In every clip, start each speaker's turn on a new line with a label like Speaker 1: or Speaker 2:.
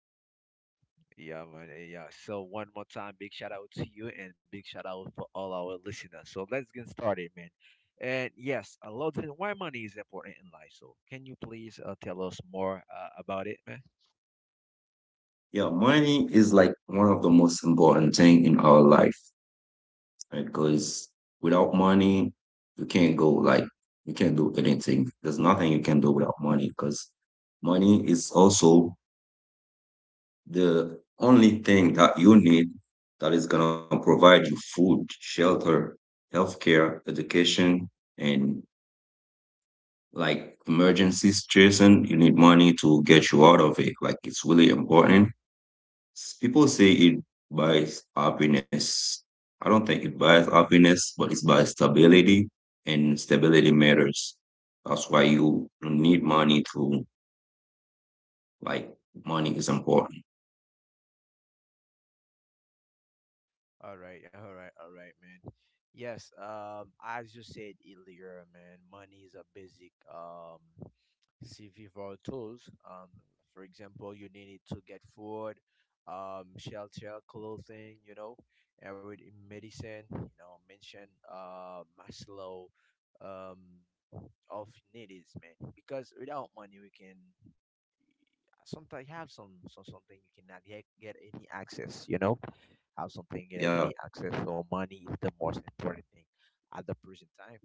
Speaker 1: Yeah,
Speaker 2: Yeah, man. Yeah. So one more time, big shout out to you and big shout out for all our listeners. So let's get started, man. And yes, a lot of why money is important in life. So can you please tell us more about it, man?
Speaker 1: yeah, money is like one of the most important thing in our life because without money, you can't go like you can't do anything. There's nothing you can do without money because money is also the only thing that you need that is going to provide you food, shelter, healthcare, education, and like emergencies, Jason, you need money to get you out of it. Like it's really important. People say it buys happiness. I don't think it buys happiness, but it's by stability, and stability matters. That's why you need money to like money is important.
Speaker 2: All right, all right, all right, man. Yes, as you said earlier, man, money is a basic CV for tools. For example, you need it to get food, shelter, clothing, you know, and with medicine, you know, mention Maslow, um, of needs, man. Because without money, we can sometimes have some something you cannot get any access, you know, have something, you know, any
Speaker 1: Yeah.
Speaker 2: access. So money is the most important thing at the present time,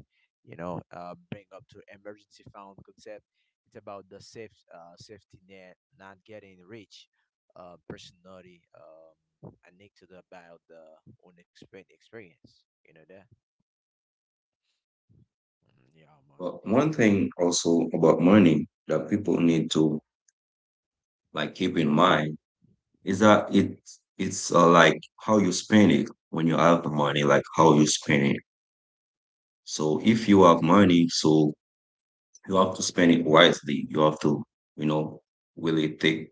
Speaker 2: you know. Bring up to emergency fund concept. It's about the safety net, not getting rich. Personality, I need to the, about the unexpected experience, you know that. Yeah,
Speaker 1: But
Speaker 2: man.
Speaker 1: one thing also about money that people need to like keep in mind is that it's like how you spend it when you have the money, like how you spend it. So if you have money, so you have to spend it wisely. You have to, you know, really take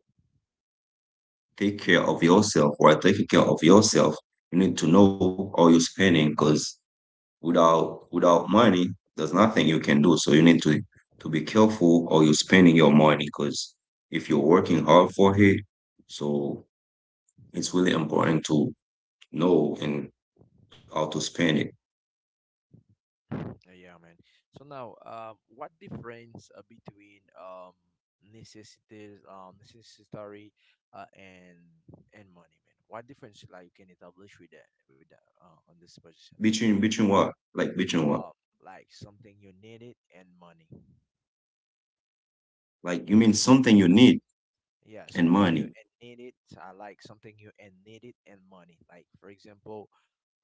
Speaker 1: take care of yourself. While taking care of yourself, you need to know how you're spending because without money there's nothing you can do, so you need to be careful or you're spending your money, because if you're working hard for it, so it's really important to know and how to spend it.
Speaker 2: Yeah, man. So now, what difference between necessities, necessary, uh, and and money, man? What difference like you can establish with that on this position?
Speaker 1: Between what,
Speaker 2: Uh, like something you need it and money.
Speaker 1: like you mean something you need
Speaker 2: Yeah,
Speaker 1: and
Speaker 2: something you
Speaker 1: money.
Speaker 2: and need it. I like something you and need it and money. Like for example,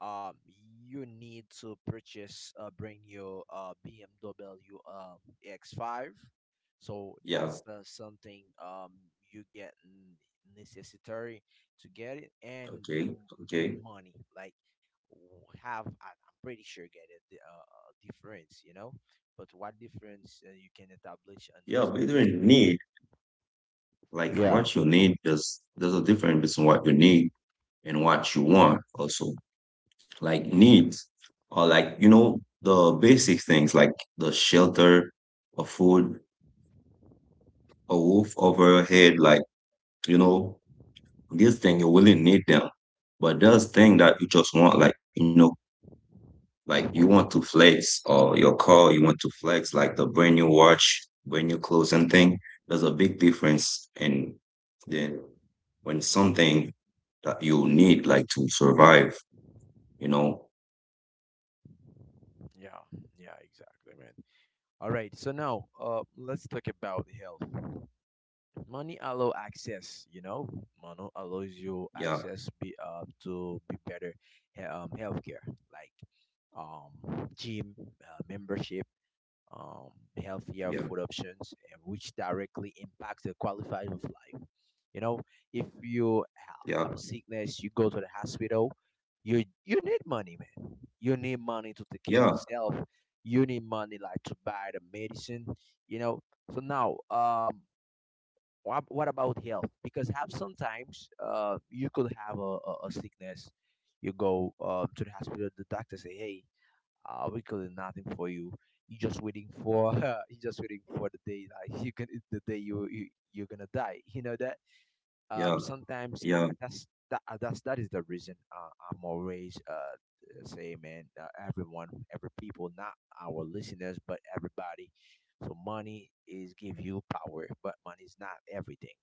Speaker 2: um, you need to purchase bring your BMW um X5. So that's
Speaker 1: Yeah,
Speaker 2: something you necessary to get it
Speaker 1: okay,
Speaker 2: and
Speaker 1: okay.
Speaker 2: money like w- have I'm pretty sure get it the difference, you know. But what difference you can establish on
Speaker 1: Yeah,
Speaker 2: this
Speaker 1: between
Speaker 2: position?
Speaker 1: need, like
Speaker 2: Yeah.
Speaker 1: what you need, there's a difference between what you need and what you want also. Like needs or like, you know, the basic things, like the shelter, a food, a roof over your head, like, you know, these things you really need them. But there's thing
Speaker 2: Okay.
Speaker 1: that you just want, like, you know, like you want to flex or your car, you want to flex, like the brand new watch, brand new clothes and thing. There's a big difference in then when something that you need like to survive, you know.
Speaker 2: Yeah, yeah, exactly, man. All right, so now, let's talk about health. Money allow access, you know. Money allows you
Speaker 1: yeah
Speaker 2: access be to be better healthcare, like gym membership, um
Speaker 1: yeah
Speaker 2: healthier food options, and which directly impacts the quality of life, you know. If you ha-
Speaker 1: yeah
Speaker 2: Have a sickness, you go to the hospital. You need money, man. You need money to take care
Speaker 1: yeah
Speaker 2: of yourself. You need money like to buy the medicine, you know. So now, um, what about health? Because have sometimes, you could have a sickness, you go to the hospital, the doctor say, hey, we could do nothing for you. You just waiting for you just waiting for the day, like you can the day you you're gonna die, you know that.
Speaker 1: yeah
Speaker 2: Um, sometimes,
Speaker 1: yeah
Speaker 2: that is the reason, I'm always, say, man, everyone, every people, not our listeners, but everybody. So money is give you power, but money is not everything,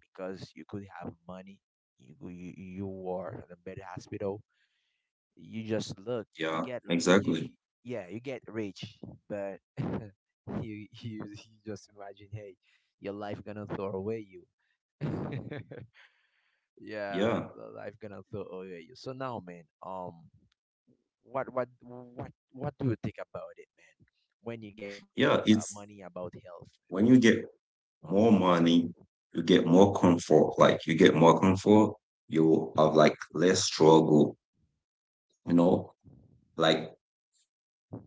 Speaker 2: because you could have money. You are in a better hospital. You just look.
Speaker 1: Yeah,
Speaker 2: You get you,
Speaker 1: exactly.
Speaker 2: you yeah. You get rich, but you, you just imagine, hey, your life gonna throw away you. Yeah,
Speaker 1: Yeah.
Speaker 2: the life gonna throw away you. So now, man, what do you think about it, man? When you get money,
Speaker 1: Yeah, it's
Speaker 2: money about health.
Speaker 1: when you get more money, you get more comfort. Like you get more comfort, you have like less struggle, you know? Like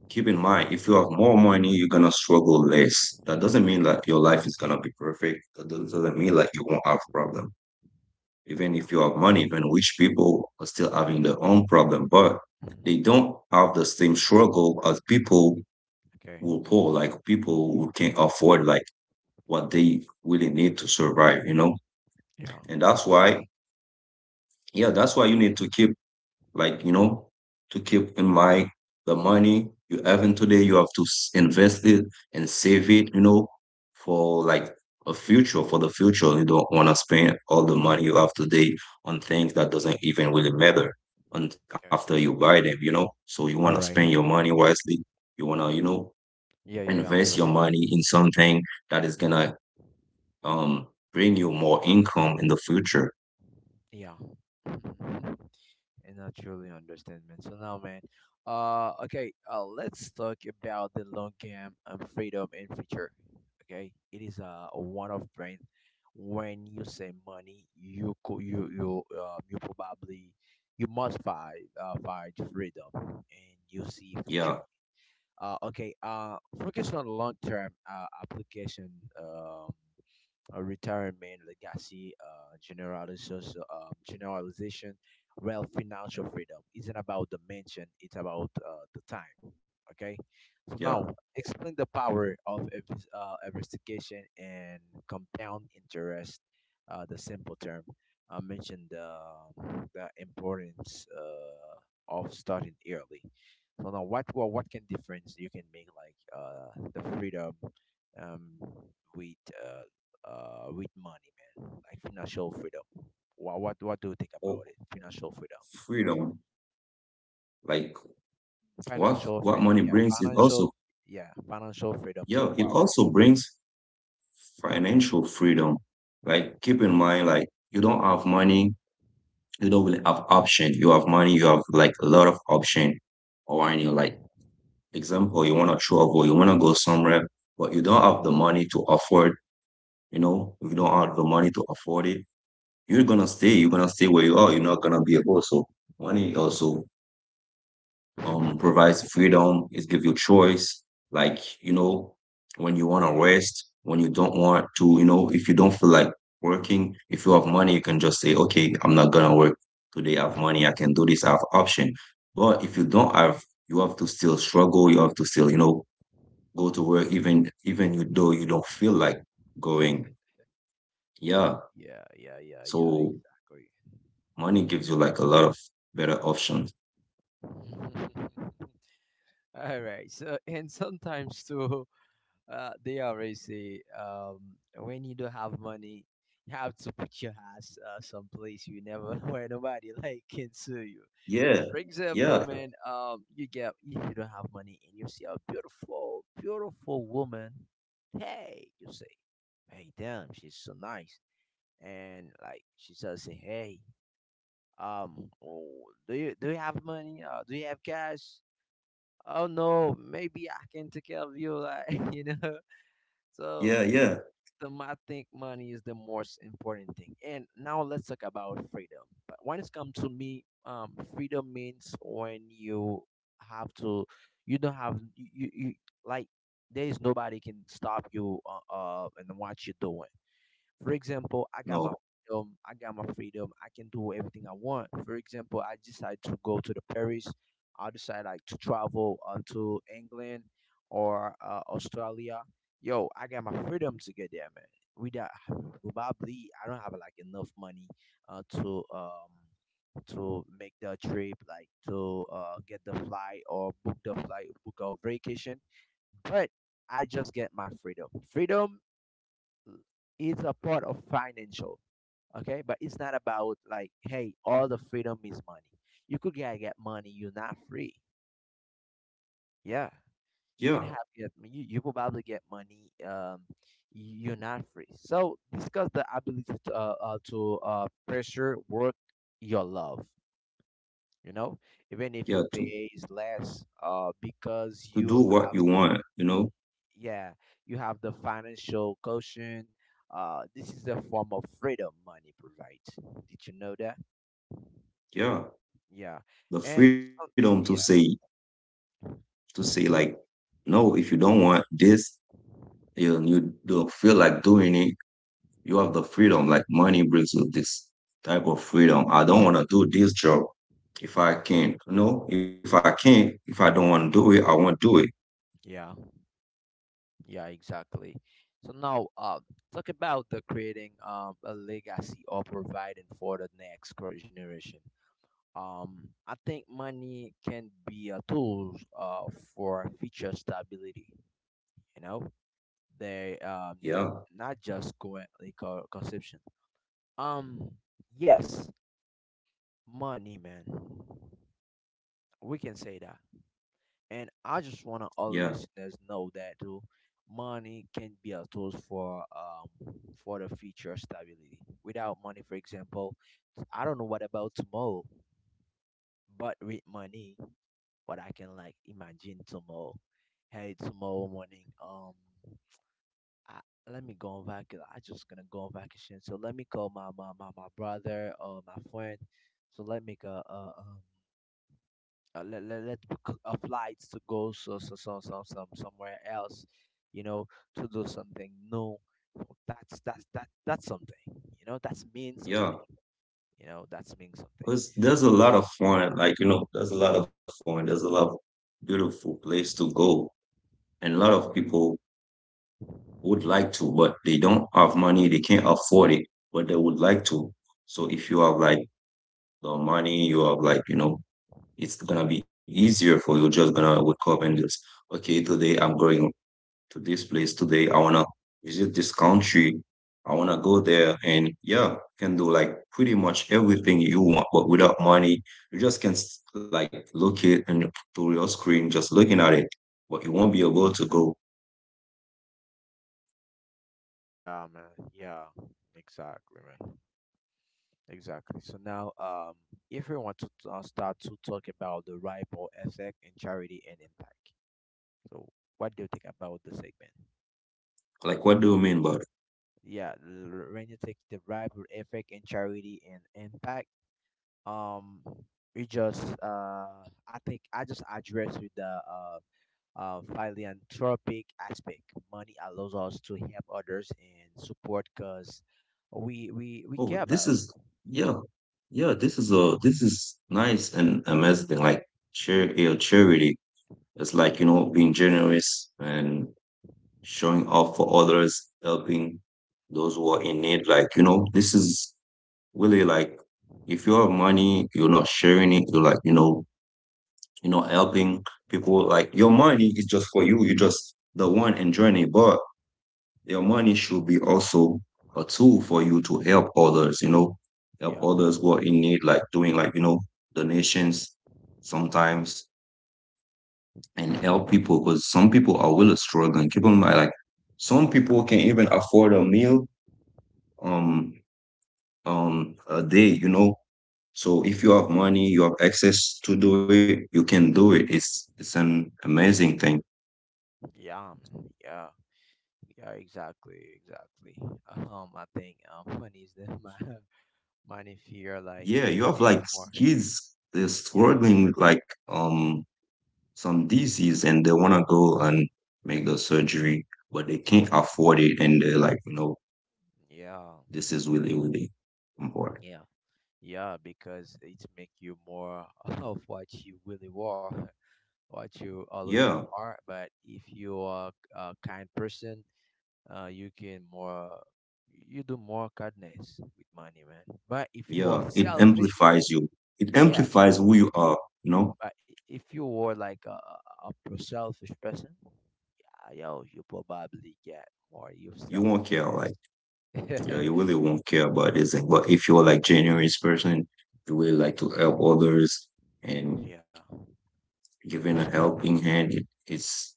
Speaker 1: keep in mind, if you have more money, you're gonna struggle less. That doesn't mean that your life is gonna be perfect. That doesn't mean like you won't have problem. Even
Speaker 2: Yeah.
Speaker 1: if you have money, even rich people are still having their own problem, but
Speaker 2: Mhm.
Speaker 1: they don't have the same struggle as people
Speaker 2: Okay.
Speaker 1: who are poor, like people who can't afford like what they really need to survive, you know?
Speaker 2: Yeah.
Speaker 1: And that's why, yeah, that's why you need to keep, like, you know, to keep in mind the money you have in today, you have to invest it and save it, you know, for like a future, for the future. You don't want to spend all the money you have today on things that doesn't even really matter on after
Speaker 2: Okay.
Speaker 1: you buy them, you know? So you want to
Speaker 2: All
Speaker 1: spend
Speaker 2: right.
Speaker 1: your money wisely. You want to, you know,
Speaker 2: Yeah, yeah, yeah, I
Speaker 1: invest your
Speaker 2: understand.
Speaker 1: money in something that is gonna bring you more income in the future.
Speaker 2: Yeah. Mhm. And I truly understand, man. So now, man, okay, let's talk about the long game and freedom in future. Okay, it is a one-off brand. When you say money, you probably you must fight freedom, and you see future.
Speaker 1: Yeah,
Speaker 2: Okay, focus on long-term application. Um, Retirement legacy, generalization, generalization, well, financial freedom isn't about the mention; it's about the time. Okay, so now
Speaker 1: yeah.
Speaker 2: explain the power of investigation and compound interest. The simple term. I mentioned the importance of starting early. So now, what can difference you can make like, the freedom, um, with uh, with money, man. Like financial freedom. What do you think about
Speaker 1: Oh,
Speaker 2: it? Financial freedom.
Speaker 1: freedom. Like what
Speaker 2: Financial
Speaker 1: money
Speaker 2: freedom. Yeah,
Speaker 1: brings is also
Speaker 2: financial. Yeah, financial freedom. So
Speaker 1: yeah, it
Speaker 2: what?
Speaker 1: also brings
Speaker 2: Mhm.
Speaker 1: financial freedom. Like keep in mind, like you don't have money, you don't really have option. You have money, you have like a lot of option. Or any like example, you wanna travel, you wanna go somewhere, but you don't have the money to afford. You know, if you don't have the money to afford it, you're gonna stay. You're gonna stay where you are. You're not gonna be able. So money also provides freedom. It gives you choice. Like you know, when you want to rest, when you don't want to, you know, if you don't feel like working, if you have money, you can just say, okay, I'm not gonna work today. I have money. I can do this. I have option. But if you don't have, you have to still struggle. You have to still, you know, go to work even you though you don't feel like going. Yeah.
Speaker 2: Yeah, yeah, yeah, yeah.
Speaker 1: So money gives you like a lot of better options.
Speaker 2: Exactly. All right. So, and sometimes too, they always say, when you don't have money, you have to put your ass someplace you never where nobody like can sue you.
Speaker 1: Yeah,
Speaker 2: For example,
Speaker 1: yeah,
Speaker 2: man, you get if you don't have money and you see a beautiful, beautiful woman, hey, you say, hey, damn, she's so nice, and like she says, say, hey, oh, do you have money? Do you have cash? Oh no, maybe I can take care of you, like you know.
Speaker 1: yeah,
Speaker 2: So
Speaker 1: yeah.
Speaker 2: I think money is the most important thing. And now let's talk about freedom. But when it's come to me, freedom means when you have to, you don't have you you, you like there is nobody can stop you and what you're doing. For example, I got my
Speaker 1: No,
Speaker 2: freedom. I got my freedom. I can do everything I want. For example, I decide to go to the Paris. I decide like to travel to England or Australia. Yo, I got my freedom to get there, man. Without probably, I don't have like enough money uh, to um to make the trip, like to, get the flight or book the flight, book a vacation. But I just get my freedom. Freedom it's a part of financial, okay, but it's not about like, hey, all the freedom is money. You could get money, you're not free. Yeah,
Speaker 1: yeah,
Speaker 2: you can you probably get money, you're not free. So discuss the ability to pressure work your love, you know, even if
Speaker 1: yeah. To
Speaker 2: pay is less, uh, because
Speaker 1: do
Speaker 2: you
Speaker 1: what you want, you know.
Speaker 2: yeah, you have the financial quotient. This is a form of freedom money provides. Did you know that?
Speaker 1: Yeah,
Speaker 2: Yeah,
Speaker 1: the
Speaker 2: and
Speaker 1: freedom to
Speaker 2: so,
Speaker 1: say
Speaker 2: yeah,
Speaker 1: like
Speaker 2: mhm.
Speaker 1: no, if you don't want this, you don't feel like doing it. You have the freedom. Like money brings you this type of freedom. I don't want to do this job if I can. You know, if I can't, if I don't want to do it, I won't do it.
Speaker 2: Yeah, yeah, exactly. So now, talk about the creating, a legacy or providing for the next generation. I think money can be a tool, for future stability. You know, they,
Speaker 1: Yeah,
Speaker 2: not just currently consumption. Um, yes, money, man. We can say that. And I just want to all
Speaker 1: yeah,
Speaker 2: listeners know that too. Money can be a tool for the future stability. Without money, for example, I don't know what about tomorrow, but with money, what I can like imagine tomorrow. Hey, tomorrow morning, I, let me go on vacation. I just gonna go on vacation. So let me call my brother or my friend. So let me go. Let book a flight to go somewhere else, you know, to do something. No, that's something, you know. That's mean something,
Speaker 1: yeah.
Speaker 2: you know. That's mean something.
Speaker 1: Cause there's a lot of fun, like you know, there's a lot of fun. There's a lot of beautiful place to go, and a lot of people would like to, but they don't have money. They can't afford it, but they would like to. So if you have like the money, you have like you know, it's gonna be easier for you. Just gonna wake up and just okay, today I'm going to this place today. I wanna visit this country. I wanna go there, and yeah, can do like pretty much everything you want, but without money, you just can like look it and through your screen, just looking at it, but you won't be able to go.
Speaker 2: Yeah, man. Yeah, exactly, man. Exactly. So now, um, if we want to start to talk about the ripple effect and charity and impact. So what do you think about the segment?
Speaker 1: Like, what do you mean by?
Speaker 2: Yeah, when you take the ripple effect and charity and impact, um, we just I think I just addressed with the uh uh, philanthropic aspect. Money allows us to help others and support, because we we
Speaker 1: Oh,
Speaker 2: we
Speaker 1: this
Speaker 2: care
Speaker 1: is
Speaker 2: about.
Speaker 1: yeah, yeah. This is a this is nice and amazing. Like, yeah, charity. It's like you know being generous and showing up for others, helping those who are in need. Like, you know, this is really like if you have money, you're not sharing it, you're like, you know, you're not helping people. Like your money is just for you. You're just the one enjoying it. But your money should be also a tool for you to help others, you know, help
Speaker 2: Yeah.
Speaker 1: others who are in need, like doing like, you know, donations sometimes and help people because some people are really struggling. Keep in mind, like some people can even afford a meal um a day, you know. So if you have money, you have access to do it, you can do it. It's an amazing thing.
Speaker 2: Yeah, man. Yeah. Yeah, exactly, exactly. Um, I think, um, money is the my money fear like
Speaker 1: Yeah,
Speaker 2: it
Speaker 1: you have
Speaker 2: make
Speaker 1: like
Speaker 2: more.
Speaker 1: kids they're
Speaker 2: Yeah.
Speaker 1: struggling with like some disease and they wanna go and make the surgery, but they can't afford it and they're like, you know,
Speaker 2: Yeah.
Speaker 1: this is really, really important.
Speaker 2: Yeah, yeah, because it make you more of what you really were, what you
Speaker 1: Yeah.
Speaker 2: already are. But if you are a kind person, you can more, you do more kindness with money, man. But if you
Speaker 1: Yeah,
Speaker 2: are
Speaker 1: it
Speaker 2: selfish
Speaker 1: amplifies
Speaker 2: person,
Speaker 1: you. It
Speaker 2: yes.
Speaker 1: amplifies who you are. You know,
Speaker 2: But, if you were like a selfish person, yo, you probably get more your
Speaker 1: you won't care. Like,
Speaker 2: selfishness.
Speaker 1: yeah, you really won't care about this thing. But if you're like generous person, you really like to help others and
Speaker 2: Yeah.
Speaker 1: giving a helping hand, it, it's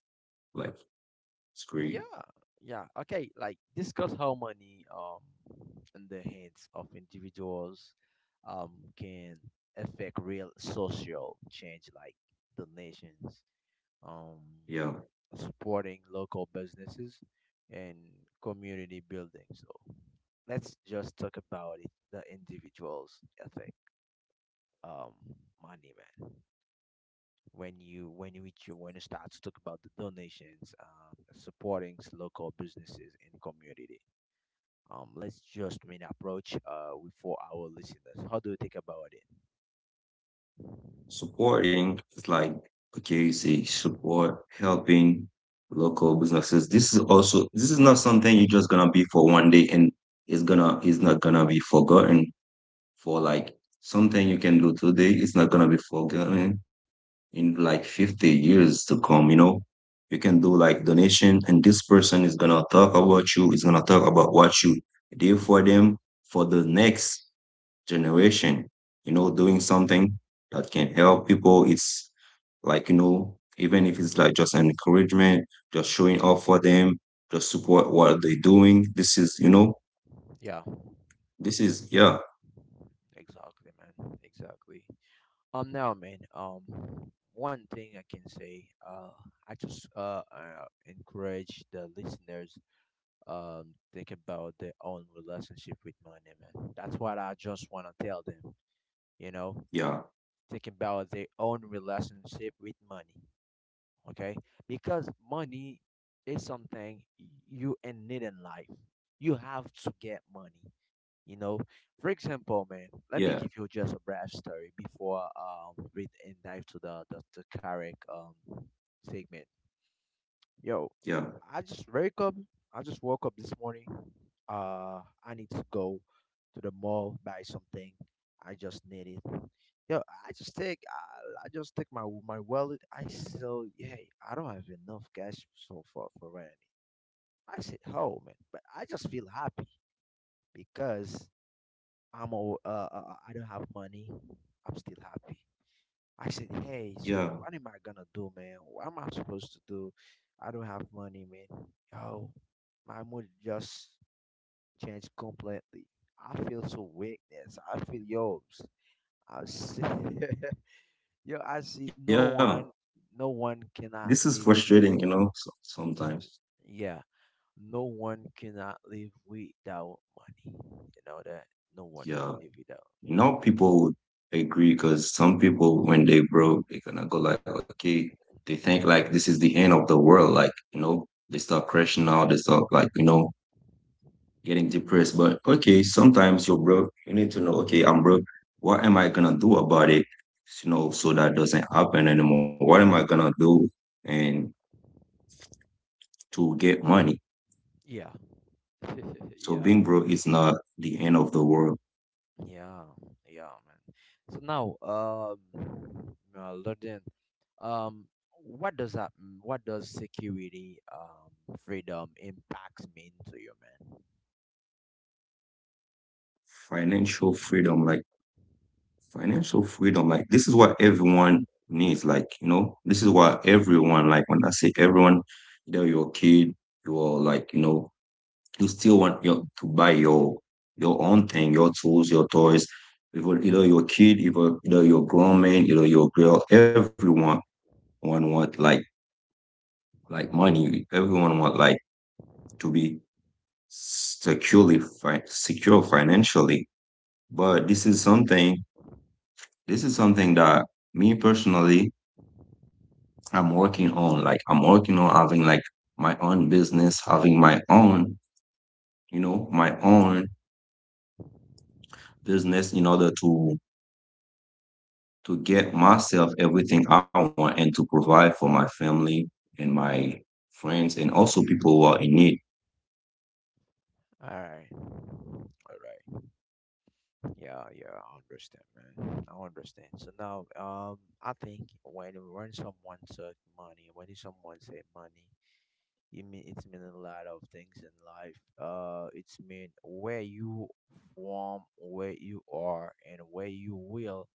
Speaker 1: like it's great.
Speaker 2: Yeah, yeah. Okay, like discuss how money in the hands of individuals can affect real social change, like donations, um
Speaker 1: Yeah,
Speaker 2: supporting local businesses and community building. So let's just talk about it, the individuals, I think. Um money man when you start to talk about the donations, supporting local businesses in community, let's just main approach for our listeners, how do you think about it?
Speaker 1: supporting is like okay, you see, support, helping local businesses. This is also this is not something you're just gonna be for 1 day and it's gonna it's not gonna be forgotten. For like something you can do today, it's not gonna be forgotten in like 50 years to come, you know. You can do like donation and this person is gonna talk about you, is gonna talk about what you did for them for the next generation, you know. Doing something that can help people, it's like you know, even if it's like just an encouragement, just showing up for them, just support what they're doing, this is you know,
Speaker 2: Yeah,
Speaker 1: this is yeah.
Speaker 2: exactly man, exactly. Now man, one thing I can say, I just encourage the listeners, um, think about their own relationship with money, man. That's what I just want to tell them, you know,
Speaker 1: yeah
Speaker 2: think about their own relationship with money, okay? Because money is something you in need in life. You have to get money, you know. For example, man, let me give
Speaker 1: yeah
Speaker 2: you just a brief story before we dive to the correct segment. Yo,
Speaker 1: yeah
Speaker 2: I just wake up. I just woke up this morning. I need to go to the mall buy something. I just need it. Yo, I just take. I just take my wallet. I still, yeah, I don't have enough cash so far for rent. I said, oh man, but I just feel happy because I don't have money. I'm still happy. I said, hey, so
Speaker 1: yeah
Speaker 2: what am I gonna do, man? What am I supposed to do? I don't have money, man. Yo, my mood just changed completely. I feel so weakness. I feel yours. I see, yo, I see no
Speaker 1: Yeah,
Speaker 2: one, no one cannot
Speaker 1: this is
Speaker 2: live.
Speaker 1: frustrating, you know, so, sometimes.
Speaker 2: Yeah, no one cannot live without money. You know that? No one can
Speaker 1: Yeah,
Speaker 2: live without.
Speaker 1: now people would agree because some people, when they broke, they're gonna go like, okay, they think like this is the end of the world. Like, you know, they start crashing out, they start like, you know, getting depressed. But okay, sometimes you're broke. You need to know, okay, I'm broke. What am I gonna do about it? You know, so that doesn't happen anymore. What am I gonna do and to get money?
Speaker 2: Yeah.
Speaker 1: So
Speaker 2: yeah.
Speaker 1: being broke is not the end of the world.
Speaker 2: Yeah, yeah, man. So now, London, um, what does that, what does security, freedom impacts mean to you, man?
Speaker 1: Financial freedom, like financial freedom, like this is what everyone needs. Like, you know, this is what everyone, like when I say everyone, either you're a kid, you're like, you know, you still want your to buy your own thing, your tools, your toys. Even either you're a kid, either you're a grown man, either you're a girl, everyone one want like money. Everyone want like to be secure financially. But this is something this is something that me personally, I'm working on. Like I'm working on having like my own business, having my own, you know, my own business in order to get myself everything I want and to provide for my family and my friends and also people who are in need.
Speaker 2: All right, all right. Yeah, yeah, I understand, man. I understand. So now, I think when someone said money, when someone say money, it mean it's mean a lot of things in life. It's mean where you from, where you are, and where you will.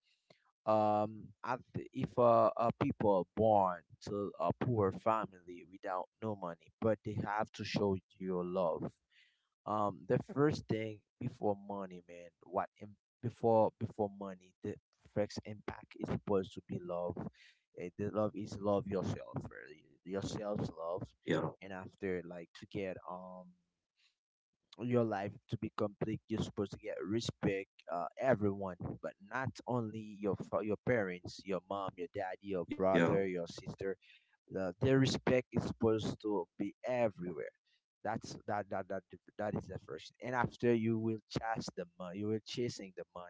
Speaker 2: If people are born to a poor family without no money, but they have to show your love. The first thing before money, man, what im- before before money, the first impact is supposed to be love. Eh, the love is love yourself, really. Yourself's love,
Speaker 1: Yeah,
Speaker 2: and after like to get your life to be complete, you're supposed to get respect everyone, but not only your parents, your mom, your daddy, your
Speaker 1: yeah,
Speaker 2: brother, your sister. The, their respect is supposed to be everywhere. That that is the first thing. And after you will chase the money, you will chasing the money,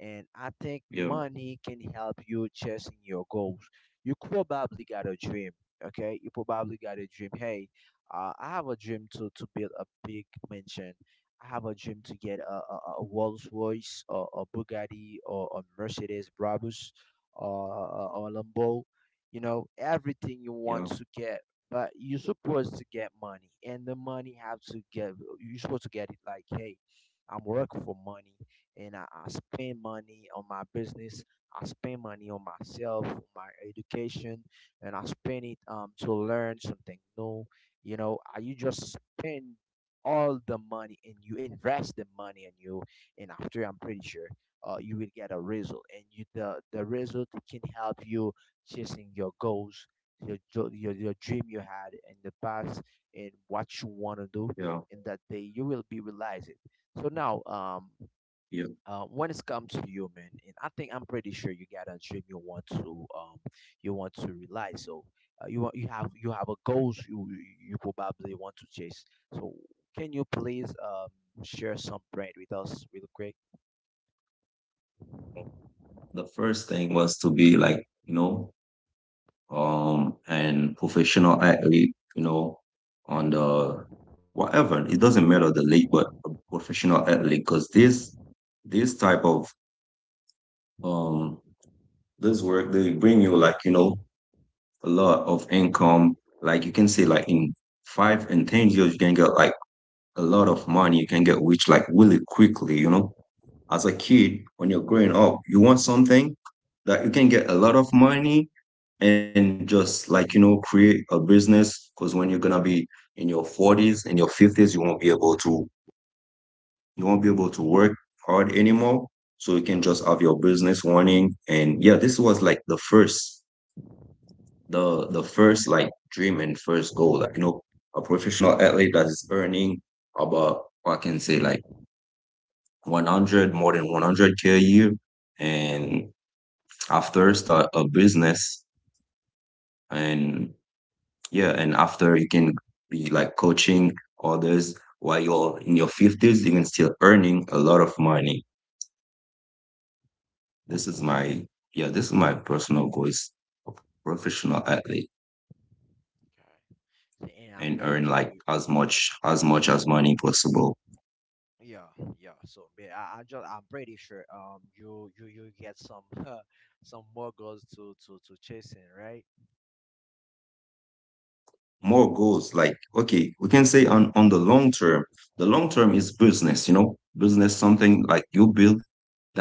Speaker 2: and I think
Speaker 1: yeah,
Speaker 2: money can help you chasing your goals. You probably got a dream, okay? You probably got a dream. Hey, I have a dream to build a big mansion. I have a dream to get a Rolls Royce, or a Bugatti, or a Mercedes Brabus, or a Lambo. You know, everything
Speaker 1: yeah,
Speaker 2: you want to get, but you're supposed to get money and the money have to get. You're supposed to get it like, hey, I'm working for money, and I spend money on my business, I spend money on myself, on my education, and I spend it to learn something new, you know. You just spend all the money and you invest the money, and you and after I'm pretty sure, you will get a result, and you the result can help you chasing your goals, your your dream you had in the past, and what you
Speaker 1: yeah,
Speaker 2: want to do in that day, you will be realize it. So now
Speaker 1: yeah.
Speaker 2: when it's come to you man, and I think I'm pretty sure you got a dream you want to realize. So you have a goals you you probably want to chase. So can you please share some bread with us real quick?
Speaker 1: The first thing was to be like you know and professional athlete, you know, on the whatever, it doesn't matter the league, but a professional athlete because this type of um this work, they bring you, like, you know, a lot of income. Like you can say like in 5 and 10 years you can get like a lot of money, you can get rich like really quickly, you know. As a
Speaker 2: Yeah,
Speaker 1: kid when you're growing up you want something that you can get a lot of money and just, like, you know, create a business, because when you're gonna be in your 40s and your 50s you won't be able to, you won't be able to work hard anymore. So you
Speaker 2: yeah,
Speaker 1: can just have your business running. And yeah, this was like the first, the first like dream and first goal, like, you know, a professional athlete that is earning about, I can say, like 100, more than 100k a year.
Speaker 2: yeah,
Speaker 1: And after, start a business. And yeah, and after you can be like coaching others while you're in your 50s, you can still earning a lot of money. This is my, yeah, this is my personal goal, is a professional athlete
Speaker 2: okay. So, and I'm
Speaker 1: and earn
Speaker 2: pretty
Speaker 1: like
Speaker 2: sure you.
Speaker 1: as much as money possible.
Speaker 2: Yeah, yeah. So man, I just I'm pretty sure you you get some some more girls to to chasing, right?
Speaker 1: More goals, like, okay, we can say on the long term. The long term is business, you know, business, something like you build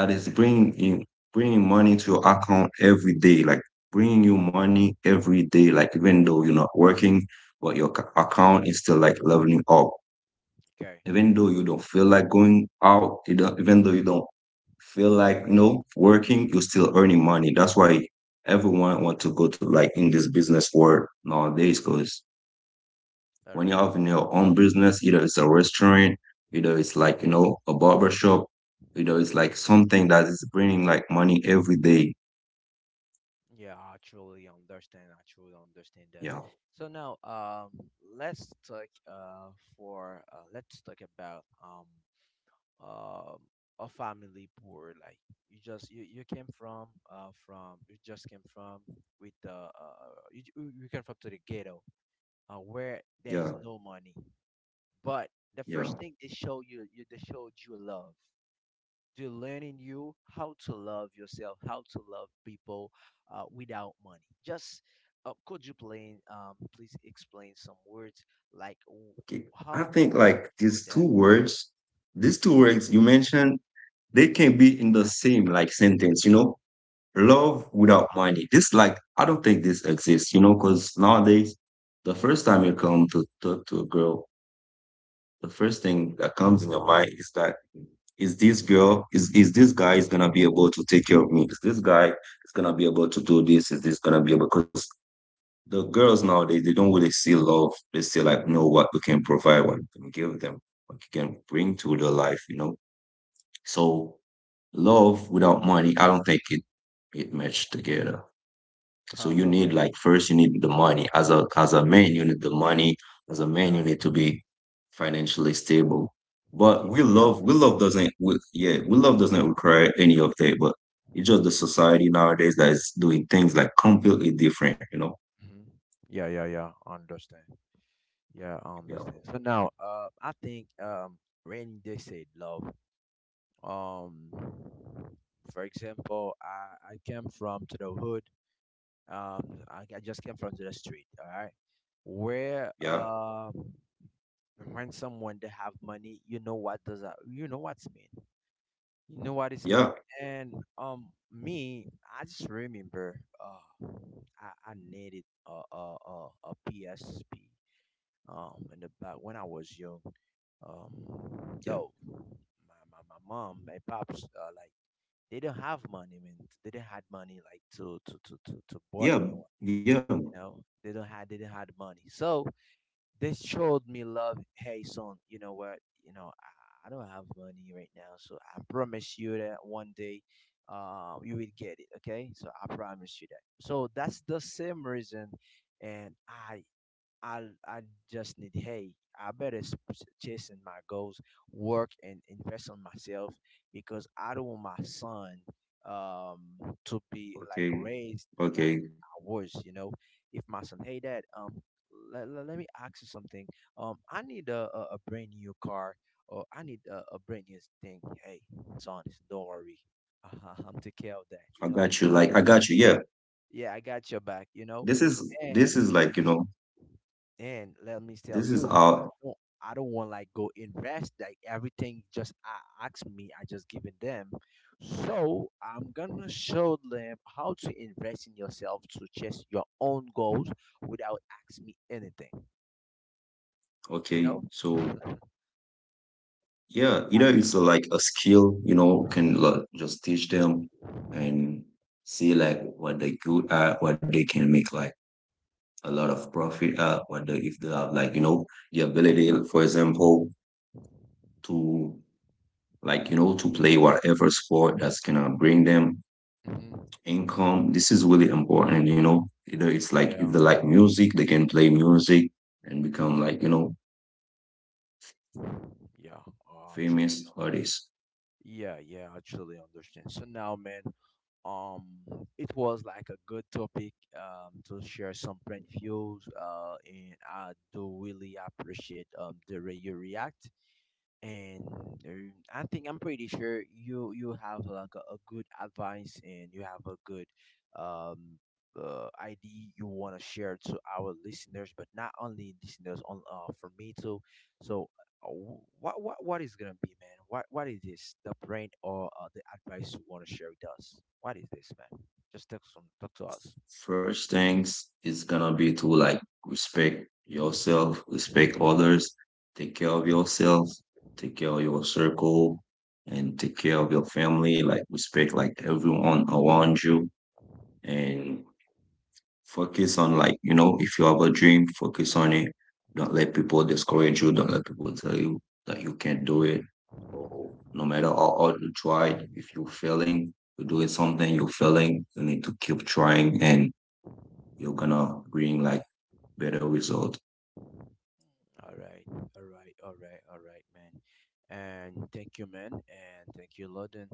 Speaker 1: that is bringing in, bringing money to your account every day, like bringing you money every day, like even though you're not working, but your account is still like leveling up.
Speaker 2: Okay,
Speaker 1: Even though you don't feel like going out, you don't, even though you don't feel like no working, you're still earning money. That's why everyone want to go to like in this business world nowadays, because
Speaker 2: all
Speaker 1: when you
Speaker 2: right.
Speaker 1: have in your own business, either it's a restaurant, either it's like, you know, a barber shop, you know, it's like something that is bringing like money every day.
Speaker 2: Yeah, I truly understand. I truly understand that.
Speaker 1: Yeah,
Speaker 2: So now let's talk for let's talk about um a family poor like you just you came from you just came from with the you, you came from to the ghetto, where there
Speaker 1: yeah,
Speaker 2: is no money. But the
Speaker 1: yeah.
Speaker 2: first thing they show you, you they showed you love. They're learning you how to love yourself, how to love people, without money. Just please explain some words like
Speaker 1: Okay. I
Speaker 2: how did
Speaker 1: think like
Speaker 2: you
Speaker 1: these two words you mentioned, they can be in the same like sentence, you know, love without money. This, like, I don't think this exists, you know, because nowadays, the first time you come to talk to a girl, the first thing that comes in your mind is that, is this girl is this guy is gonna be able to take care of me? Is this guy is gonna be able to do this? Is this gonna be able, because the girls nowadays, they don't really see love. They see like, know what we can provide, what we can give them, what we can bring to their life, you know. So love without money, I don't think it, it matched together. So
Speaker 2: show
Speaker 1: you
Speaker 2: that?
Speaker 1: need like, first you need the money. As a man, you need the money. As a man,
Speaker 2: yeah.
Speaker 1: you need to be financially stable. But
Speaker 2: Yeah,
Speaker 1: we
Speaker 2: yeah.
Speaker 1: love, we love doesn't, we, yeah, we love doesn't require any of that, but it's just the society nowadays that is doing things like completely different, you know?
Speaker 2: Hmm. Yeah, yeah, yeah. I understand. Yeah, I
Speaker 1: Yeah.
Speaker 2: understand. So now, I think when they said love, um, for example, I came from to the hood. I just came from the street. All right, where
Speaker 1: Yeah.
Speaker 2: when someone they have money, you know what does that? You know what's mean. You know what it's mean.
Speaker 1: Yeah.
Speaker 2: And me, I just remember I needed a PSP in the back when I was young. Um,
Speaker 1: Yeah.
Speaker 2: though my mom, my pops, like they don't have money, man. They don't had money like to bought me
Speaker 1: Yeah.
Speaker 2: one.
Speaker 1: Yeah.
Speaker 2: You know, they didn't have the money. So they showed me love. Hey, son, you know what? You know, I don't have money right now, so I promise you that one day, you will get it. Okay, so I promise you that. So that's the same reason, and I just need, hey, chasing my goals, work and invest on myself because I don't want my son to be like
Speaker 1: Okay.
Speaker 2: raised like
Speaker 1: Okay.
Speaker 2: I was, you know. If my son, hey dad, let me ask you something. Um, I need a brand new car, or I need a brand new thing. Hey, son, don't worry. I'm take care of that.
Speaker 1: I
Speaker 2: You know, I
Speaker 1: got you.
Speaker 2: get
Speaker 1: Like
Speaker 2: your
Speaker 1: I
Speaker 2: back.
Speaker 1: got you. Yeah.
Speaker 2: Yeah, I got your back, you know.
Speaker 1: This is this
Speaker 2: And
Speaker 1: is like, you know,
Speaker 2: and let me tell
Speaker 1: this is
Speaker 2: you,
Speaker 1: our,
Speaker 2: I don't want like go invest like everything just ask me. I just giving them. So I'm gonna show them how to invest in yourself to chase your own goals without asking me anything. You
Speaker 1: okay.
Speaker 2: know.
Speaker 1: So
Speaker 2: so
Speaker 1: yeah, either
Speaker 2: that's
Speaker 1: it's like a skill, you know, can like, just teach them and see like what they good at, what they can make like a lot of profit at, what they, if they have like, you know, the
Speaker 2: yeah.
Speaker 1: ability, for example, to like, you know, to play whatever sport that's gonna bring them
Speaker 2: Hmm.
Speaker 1: income. This is really important, you know. Either it's
Speaker 2: Yeah, yeah,
Speaker 1: like if they
Speaker 2: yeah.
Speaker 1: like music, they can play music and become like, you know,
Speaker 2: Yeah, Uh, truly.
Speaker 1: famous
Speaker 2: un-
Speaker 1: artists.
Speaker 2: yeah, yeah, I truly understand. So now, man, Um, it was like a good topic to share some print views, and I do really appreciate the way you react, and I think I'm pretty sure you you have like a good advice, and you have a good um idea you want to share to our listeners, but not only listeners on for me too. So what is gonna be, man? What is this? The brand, or the advice you want to share with us? What is this, man? Just talk some, talk to us.
Speaker 1: First things is gonna be to like respect yourself, respect others, take care of yourself, take care of your circle, and take care of your family. Like respect like everyone around you, and focus on like, you know, if you have a dream, focus on it. Don't let people discourage you. Don't let people tell you that you can't do it. Or no matter how hard you tried, if you're failing, you're doing something, you're failing, you need to keep trying and you're gonna bring like better result.
Speaker 2: All right, all right, all right, all right, man. And thank you, man, and thank you, London.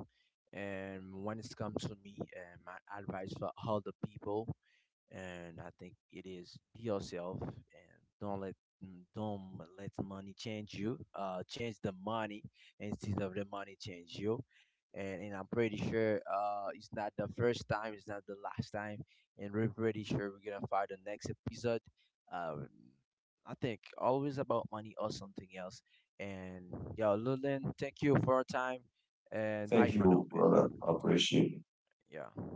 Speaker 2: And when it comes to me, and my advice for all the people, and I think it is be yourself, and don't let don't let money change you. Change the money instead of the money change you. And I'm pretty sure it's not the first time, it's not the last time, and we're pretty sure we're gonna find the next episode. Um, I think always about money or something else. And yo, Lulin, thank you for your time, and bye
Speaker 1: Thank
Speaker 2: for now,
Speaker 1: you,
Speaker 2: man.
Speaker 1: brother. I appreciate it.
Speaker 2: Yeah.